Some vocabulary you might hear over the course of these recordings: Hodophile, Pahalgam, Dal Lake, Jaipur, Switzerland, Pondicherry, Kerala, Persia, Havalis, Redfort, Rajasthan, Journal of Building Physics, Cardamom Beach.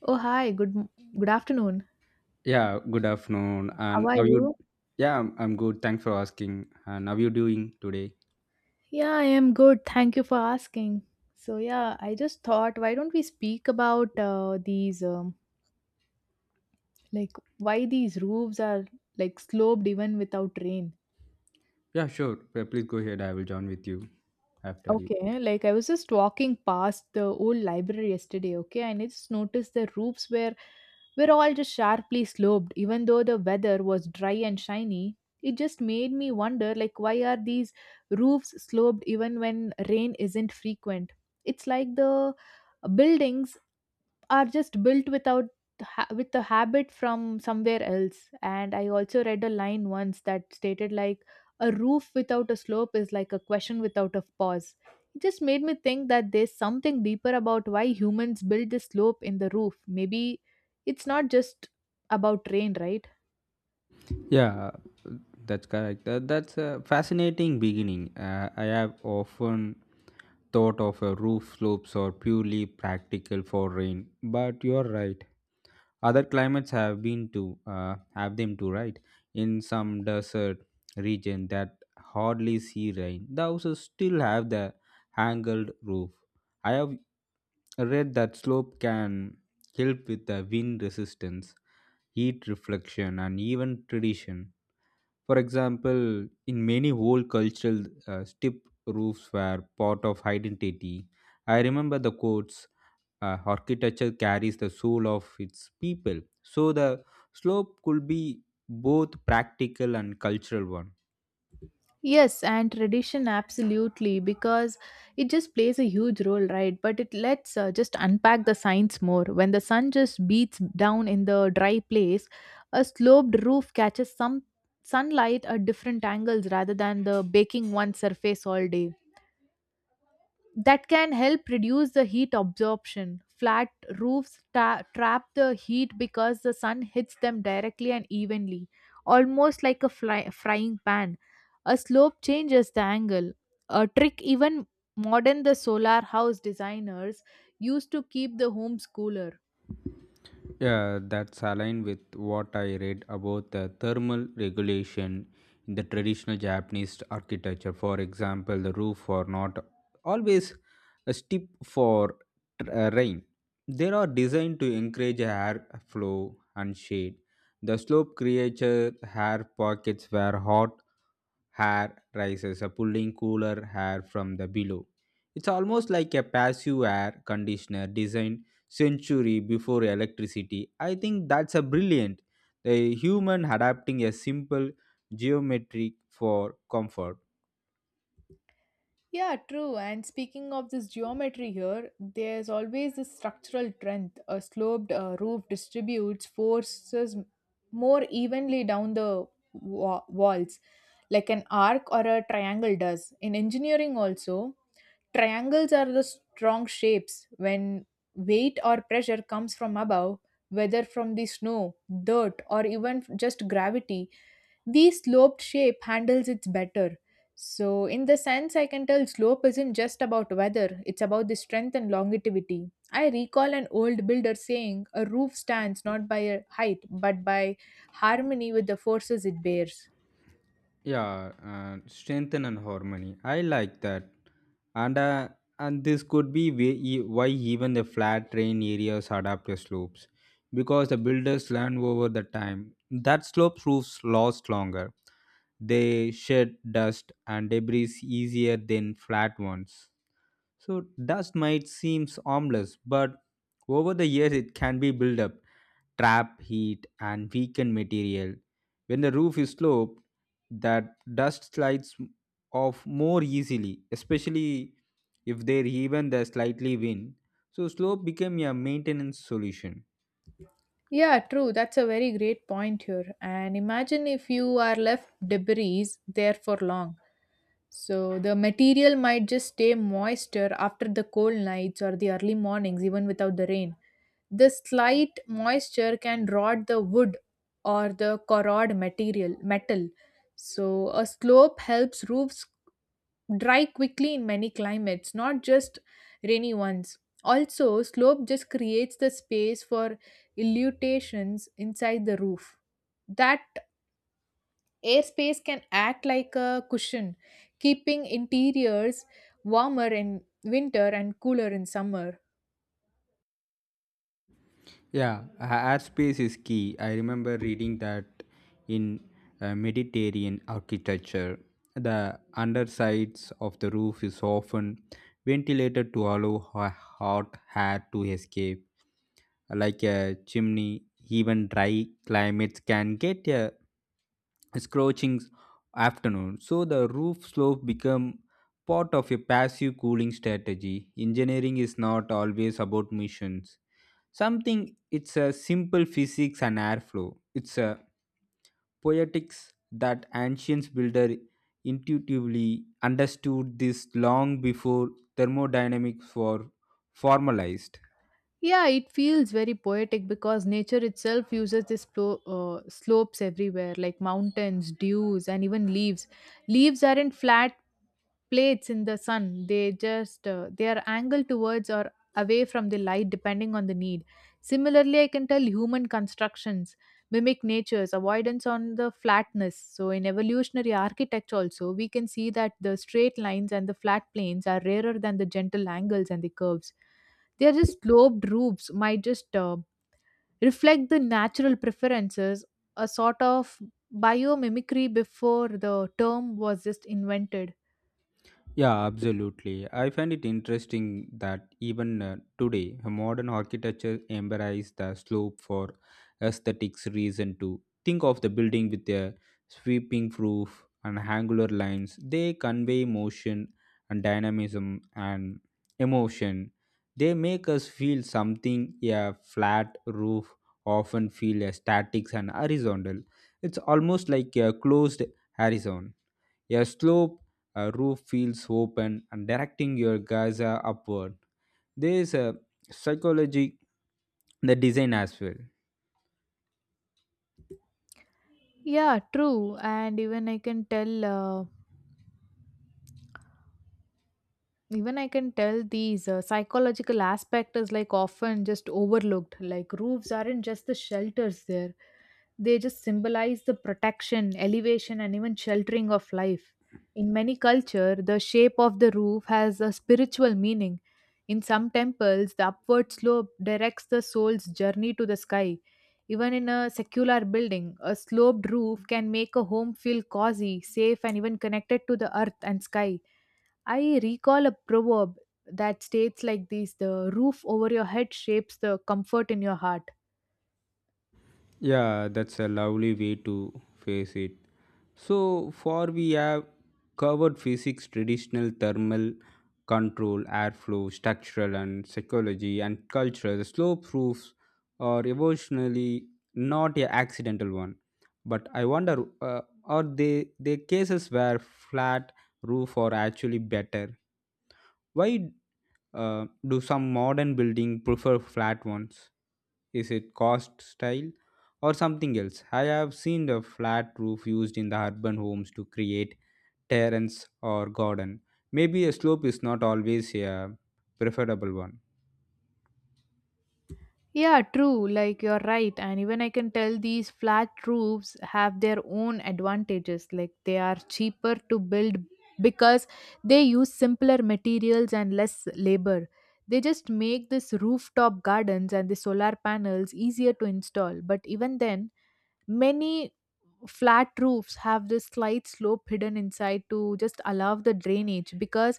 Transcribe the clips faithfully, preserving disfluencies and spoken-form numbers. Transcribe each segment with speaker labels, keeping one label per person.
Speaker 1: Oh, hi. Good m- good afternoon.
Speaker 2: Yeah, good afternoon.
Speaker 1: How
Speaker 2: And
Speaker 1: are
Speaker 2: how you?
Speaker 1: you?
Speaker 2: Yeah, I'm, I'm good. Thanks for asking. And how you doing today?
Speaker 1: Yeah, I am good. Thank you for asking. So, yeah, I just thought why don't we speak about uh, these um, like why these roofs are like sloped even without rain?
Speaker 2: Yeah, sure. P- Please go ahead. I will join with you after you.
Speaker 1: Okay, like I was just walking past the old library yesterday, okay, and I just noticed the roofs were were all just sharply sloped, even though the weather was dry and shiny. It just made me wonder like why are these roofs sloped even when rain isn't frequent? It's like the buildings are just built without ha- with the habit from somewhere else. And I also read a line once that stated like, a roof without a slope is like a question without a pause. It just made me think that there's something deeper about why humans build this slope in the roof. Maybe it's not just about rain, right?
Speaker 2: Yeah, that's correct. That, that's a fascinating beginning. Uh, I have often thought of a roof slopes or purely practical for rain, but you're right. Other climates have been to uh, have them too, right? In some desert region that hardly see rain, the houses still have the angled roof. I have read that slope can help with the wind resistance, heat reflection, and even tradition. For example, in many old cultural uh, steep roofs were part of identity. I remember the quotes uh, architecture carries the soul of its people. So the slope could be both practical and cultural one.
Speaker 1: Yes, and tradition absolutely, because it just plays a huge role, right? But it lets uh, just unpack the science more. When the sun just beats down in the dry place, a sloped roof catches some sunlight at different angles rather than the baking one surface all day. That can help reduce the heat absorption. Flat roofs ta- trap the heat because the sun hits them directly and evenly, almost like a fly- frying pan. A slope changes the angle. A trick even modern the solar house designers used to keep the homes cooler.
Speaker 2: Yeah, that's aligned with what I read about the thermal regulation in the traditional Japanese architecture. For example, the roof are not always a steep for uh, rain. They are designed to encourage air flow and shade. The slope creates air pockets where hot hair rises, uh, pulling cooler hair from the below. It's almost like a passive air conditioner designed century before electricity. I think that's a brilliant. The human adapting a simple geometric for comfort.
Speaker 1: Yeah, true. And speaking of this geometry here, there's always this structural trend. A sloped uh, roof distributes forces more evenly down the wa- walls, like an arc or a triangle does. In engineering, also, triangles are the strong shapes when weight or pressure comes from above, whether from the snow, dirt, or even just gravity. The sloped shape handles it better. So, in the sense, I can tell slope isn't just about weather, it's about the strength and longevity. I recall an old builder saying, a roof stands not by a height, but by harmony with the forces it bears.
Speaker 2: Yeah, uh, strengthen and harmony, I like that, and uh, and this could be way- e- why even the flat terrain areas adapt to slopes because the builders learn over the time that slope roofs last longer. They shed dust and debris easier than flat ones. So dust might seem harmless, but over the years it can be built up, trap heat and weaken material. When the roof is sloped, that dust slides off more easily, especially if there even the slightly wind. So slope became a maintenance solution.
Speaker 1: Yeah, true. That's a very great point here. And imagine if you are left debris there for long. So the material might just stay moister after the cold nights or the early mornings, even without the rain. The slight moisture can rot the wood or the corrode material metal. So a slope helps roofs dry quickly in many climates, not just rainy ones. Also, slope just creates the space for illuminations inside the roof. That airspace can act like a cushion, keeping interiors warmer in winter and cooler in summer.
Speaker 2: Yeah, a- airspace is key. I remember reading that in uh, Mediterranean architecture, the undersides of the roof is often ventilated to allow ho- hot air to escape. Like a chimney, even dry climates can get a scorching afternoon. So the roof slope become part of a passive cooling strategy. Engineering is not always about missions something, it's a simple physics and airflow. It's a poetics that ancient builder intuitively understood this long before thermodynamics were formalized.
Speaker 1: Yeah, it feels very poetic because nature itself uses these plo- uh, slopes everywhere, like mountains, dews, and even leaves. Leaves aren't flat plates in the sun. They just uh, they are angled towards or away from the light depending on the need. Similarly, I can tell human constructions mimic nature's avoidance on the flatness. So in evolutionary architecture also, we can see that the straight lines and the flat planes are rarer than the gentle angles and the curves. They are just sloped roofs might just uh, reflect the natural preferences, a sort of biomimicry before the term was just invented.
Speaker 2: Yeah, absolutely. I find it interesting that even uh, today, modern architecture embraces the slope for aesthetics reason too. Think of the building with their sweeping roof and angular lines. They convey motion and dynamism and emotion. They make us feel something a flat roof often feel static and horizontal. It's almost like a closed horizon. A slope uh, roof feels open and directing your gaze uh, upward. There is a psychology in the design as well.
Speaker 1: Yeah, true. And even I can tell uh, even i can tell these uh, psychological aspect is like often just overlooked. Like roofs aren't just the shelters there, they just symbolize the protection, elevation, and even sheltering of life. In many culture, the shape of the roof has a spiritual meaning. In some temples, the upward slope directs the soul's journey to the sky. Even in a secular building, a sloped roof can make a home feel cozy, safe, and even connected to the earth and sky. I recall a proverb that states like this, the roof over your head shapes the comfort in your heart.
Speaker 2: Yeah, that's a lovely way to face it. So far, we have covered physics, traditional thermal control, airflow, structural, and psychology and culture. The slow proofs are emotionally not a accidental one, but I wonder uh, are they the cases where flat roof are actually better? Why uh, do some modern building prefer flat ones? Is it cost style or something else? I have seen the flat roof used in the urban homes to create terrace or garden. Maybe a slope is not always a preferable one.
Speaker 1: Yeah, true, like you're right. And even I can tell these flat roofs have their own advantages. Like they are cheaper to build because they use simpler materials and less labor. They just make this rooftop gardens and the solar panels easier to install. But even then, many flat roofs have this slight slope hidden inside to just allow the drainage, because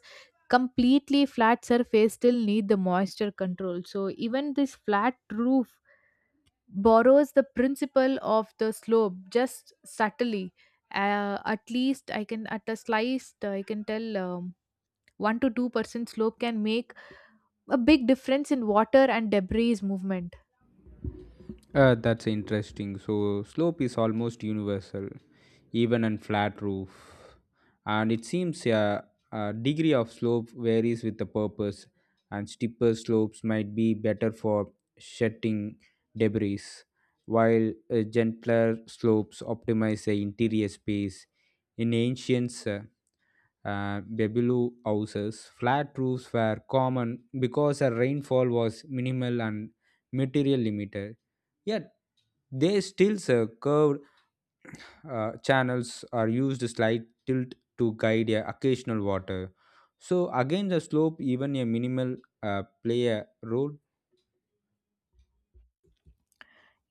Speaker 1: completely flat surface still need the moisture control. So even this flat roof borrows the principle of the slope, just subtly. Uh, at least I can, at a sliced, I can tell um, one to two percent slope can make a big difference in water and debris movement.
Speaker 2: Uh, that's interesting. So, slope is almost universal, even on flat roof. And it seems a, a degree of slope varies with the purpose, and steeper slopes might be better for shedding debris, while uh, gentler slopes optimize the interior space. In ancient uh, uh, Babylon houses, flat roofs were common because the rainfall was minimal and material limited. A they still uh, curved uh, channels are used a slight tilt to guide a occasional water. So again, the slope, even a minimal, uh, play a role.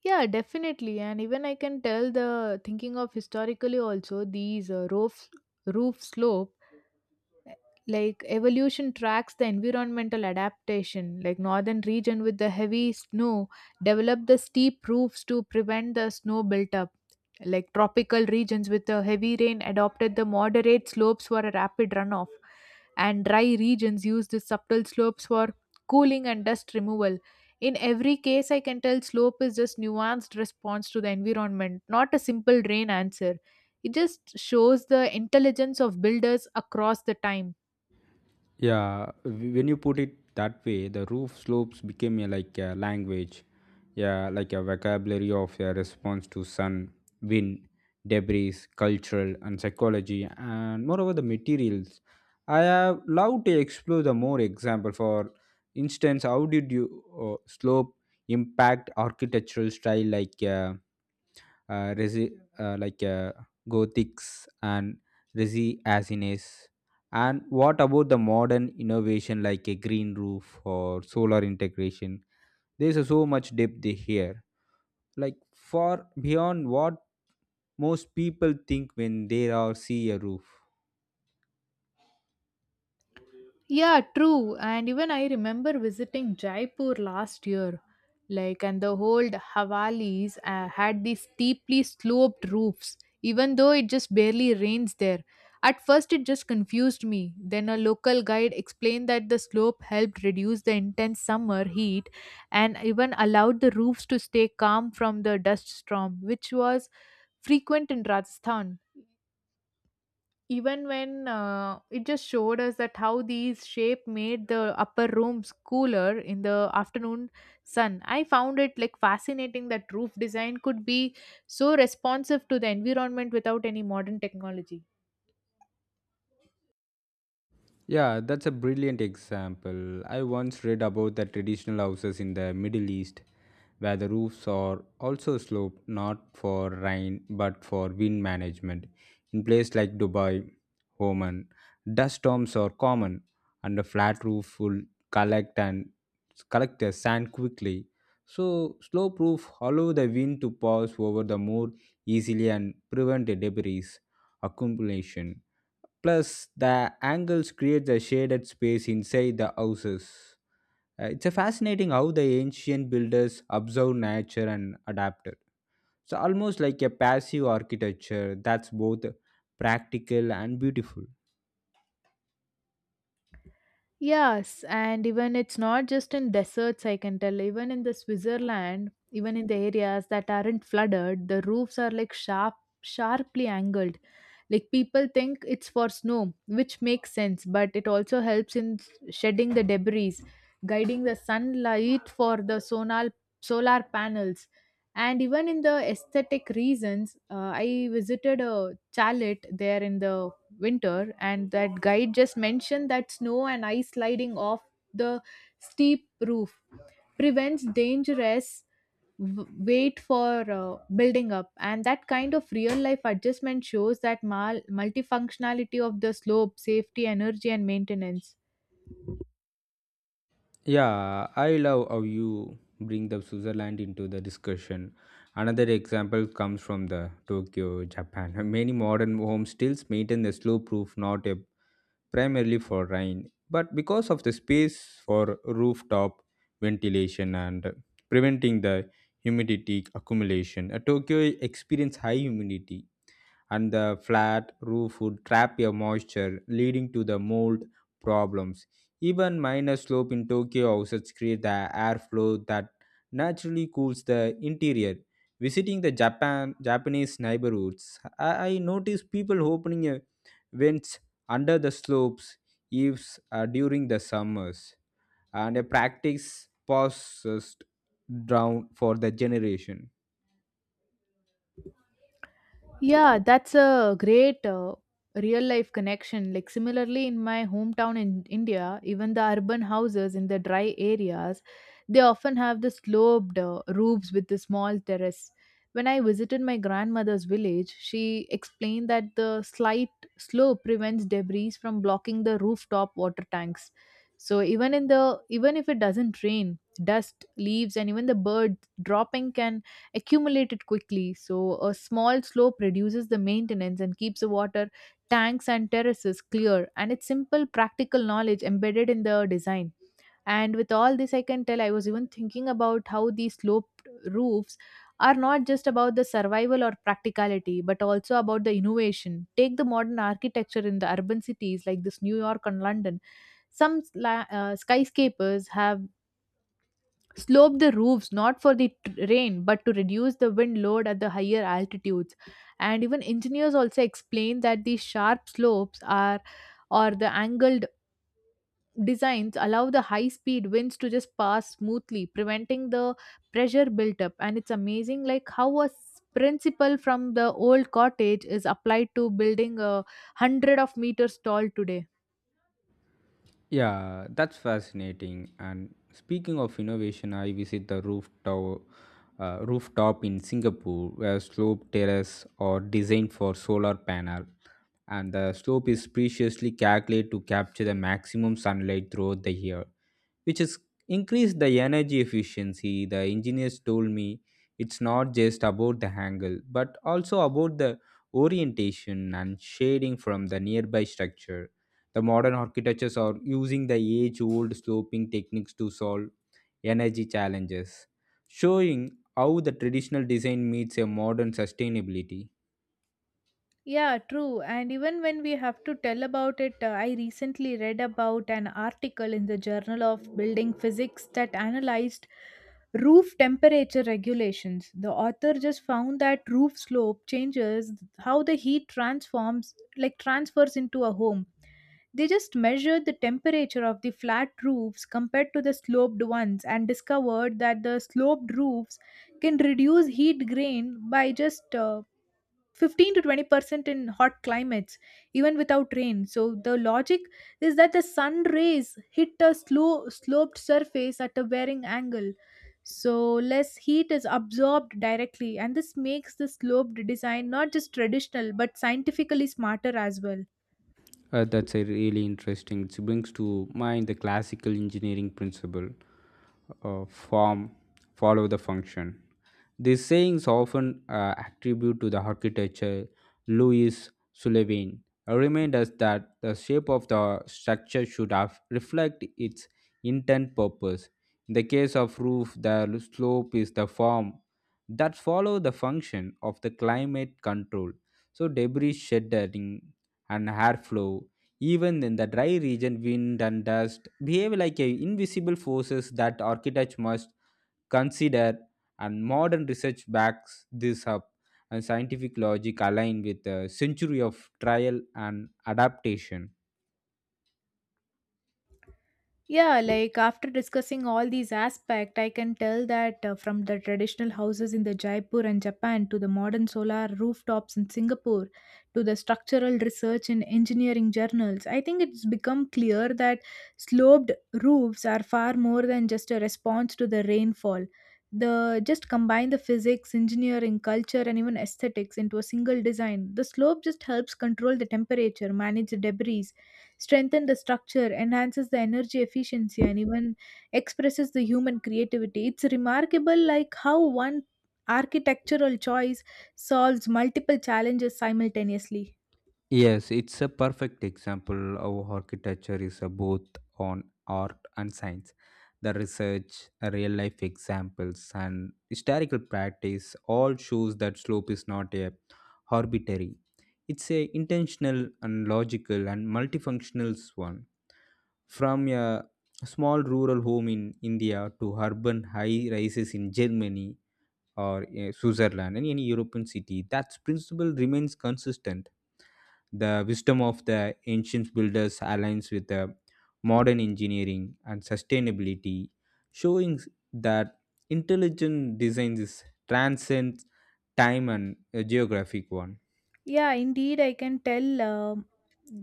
Speaker 1: Yeah, definitely. And even I can tell the thinking of historically also, these uh, roof roof slope like evolution tracks the environmental adaptation. Like northern region with the heavy snow developed the steep roofs to prevent the snow built up. Like tropical regions with the heavy rain adopted the moderate slopes for a rapid runoff. And dry regions used the subtle slopes for cooling and dust removal. In every case, I can tell slope is just nuanced response to the environment, not a simple rain answer. It just shows the intelligence of builders across the time.
Speaker 2: Yeah, w- when you put it that way, the roof slopes became a, like a language, yeah, like a vocabulary of a response to sun, wind, debris, cultural and psychology, and moreover the materials. I have loved to explore the more example. For instance, how did you uh, slope impact architectural style like? Uh, uh, resi- uh, like uh, gothics and resi asines, and what about the modern innovation like a green roof or solar integration? There's a so much depth here, like far beyond what most people think when they are see a roof.
Speaker 1: Yeah, true. And even I remember visiting Jaipur last year. Like, and the old Havalis uh, had these steeply sloped roofs, even though it just barely rains there. At first, it just confused me. Then, a local guide explained that the slope helped reduce the intense summer heat and even allowed the roofs to stay calm from the dust storm, which was frequent in Rajasthan. Even when uh, it just showed us that how these shape made the upper rooms cooler in the afternoon sun. I found it like fascinating that roof design could be so responsive to the environment without any modern technology.
Speaker 2: Yeah, that's a brilliant example. I once read about the traditional houses in the Middle East where the roofs are also sloped not for rain but for wind management. In places like Dubai, Oman, dust storms are common and a flat roof will collect and collect the sand quickly. So slope roof allow the wind to pass over the more easily and prevent the debris accumulation. Plus, the angles create a shaded space inside the houses. Uh, it's a fascinating how the ancient builders observed nature and adapted. So almost like a passive architecture that's both practical and beautiful.
Speaker 1: Yes, and even it's not just in deserts, I can tell. Even in the Switzerland, even in the areas that aren't flooded, the roofs are like sharp, sharply angled. Like people think it's for snow, which makes sense, but it also helps in shedding the debris, guiding the sunlight for the solar solar panels. And even in the aesthetic reasons, uh, I visited a chalet there in the winter and that guide just mentioned that snow and ice sliding off the steep roof prevents dangerous w- weight for uh, building up. And that kind of real life adjustment shows that mal- multifunctionality of the slope, safety, energy, and maintenance.
Speaker 2: Yeah, I love how you bring the Switzerland into the discussion. Another example comes from the Tokyo, Japan. Many modern homes still maintain the slow-proof, not a primarily for rain, but because of the space for rooftop ventilation and preventing the humidity accumulation. Uh, Tokyo experience high humidity and the flat roof would trap your moisture, leading to the mold problems. Even minor slope in Tokyo houses create the airflow that naturally cools the interior. Visiting the Japan Japanese neighborhoods, I, I noticed people opening a vents under the slopes eaves uh, during the summers, and a practice passed down for the generation.
Speaker 1: Yeah, that's a great uh, real life connection. Like, similarly, in my hometown in India, even the urban houses in the dry areas, they often have the sloped uh, roofs with the small terrace. When I visited my grandmother's village, she explained that the slight slope prevents debris from blocking the rooftop water tanks. So even in the even if it doesn't rain, dust, leaves, and even the bird dropping can accumulated quickly, so a small slope reduces the maintenance and keeps the water tanks and terraces clear. And it's simple practical knowledge embedded in the design. And with all this, I can tell I was even thinking about how these sloped roofs are not just about the survival or practicality, but also about the innovation. Take the modern architecture in the urban cities like this New York and London. Some sla- uh, skyscrapers have slope the roofs not for the t- rain but to reduce the wind load at the higher altitudes. And even engineers also explain that the sharp slopes are or the angled designs allow the high speed winds to just pass smoothly, preventing the pressure built up. And it's amazing like how a s- principle from the old cottage is applied to building a hundred of meters tall today.
Speaker 2: Yeah, that's fascinating. And speaking of innovation, I visit the rooftop, uh, rooftop in Singapore where slope terrace are designed for solar panel, and the slope is preciously calculated to capture the maximum sunlight throughout the year, which is increased the energy efficiency. The engineers told me it's not just about the angle but also about the orientation and shading from the nearby structure. The modern architectures are using the age old sloping techniques to solve energy challenges, showing how the traditional design meets a modern sustainability.
Speaker 1: Yeah, true. And even when we have to tell about it, uh, I recently read about an article in the Journal of Building Physics that analyzed roof temperature regulations. The author just found that roof slope changes how the heat transforms, like transfers into a home. They just measured the temperature of the flat roofs compared to the sloped ones and discovered that the sloped roofs can reduce heat gain by just uh, fifteen to twenty percent in hot climates even without rain. So the logic is that the sun rays hit a slow sloped surface at a varying angle, so less heat is absorbed directly. And this makes the sloped design not just traditional but scientifically smarter as well.
Speaker 2: Uh, that's a really interesting. It brings to mind the classical engineering principle, uh, form, follow the function. These sayings often uh, attribute to the architecture Louis Sullivan. A Remind us that the shape of the structure should have reflect its intent purpose. In the case of roof, the slope is the form that follow the function of the climate control. So debris shedding and air flow, even in the dry region, wind and dust behave like a invisible forces that architects must consider, and modern research backs this up. And scientific logic aligned with a century of trial and adaptation.
Speaker 1: Yeah, like after discussing all these aspects, I can tell that uh, from the traditional houses in the Jaipur and Japan to the modern solar rooftops in Singapore to the structural research in engineering journals, I think it's become clear that sloped roofs are far more than just a response to the rainfall. The just combine the physics, engineering, culture, and even aesthetics into a single design. The slope just helps control the temperature, manage the debris, strengthen the structure, enhances the energy efficiency, and even expresses the human creativity. It's remarkable like how one architectural choice solves multiple challenges simultaneously.
Speaker 2: Yes, it's a perfect example of architecture is a both on art and science. The research, real life examples, and historical practice all shows that slope is not a arbitrary. It's a intentional and logical and multifunctional one. From a small rural home in India to urban high rises in Germany or uh, Switzerland and any European city, that principle remains consistent. The wisdom of the ancient builders aligns with the modern engineering and sustainability, showing that intelligent design is transcends time and a geographic one.
Speaker 1: Yeah, indeed, I can tell. um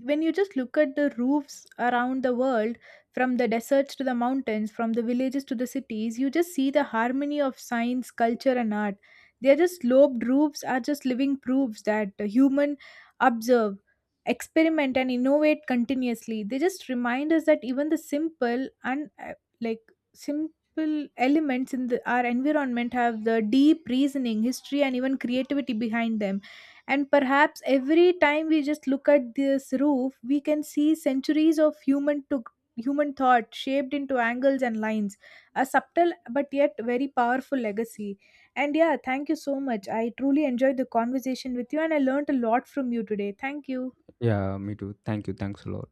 Speaker 1: When you just look at the roofs around the world, from the deserts to the mountains, from the villages to the cities, you just see the harmony of science, culture, and art. They're just sloped roofs are just living proofs that the human observe, experiment, and innovate continuously. They just remind us that even the simple and uh, like simple elements in the, our environment have the deep reasoning, history, and even creativity behind them. And perhaps every time we just look at this roof, we can see centuries of human to human thought shaped into angles and lines. A subtle but yet very powerful legacy. And yeah, thank you so much. I truly enjoyed the conversation with you and I learned a lot from you today. Thank you.
Speaker 2: Yeah, me too. Thank you. Thanks a lot.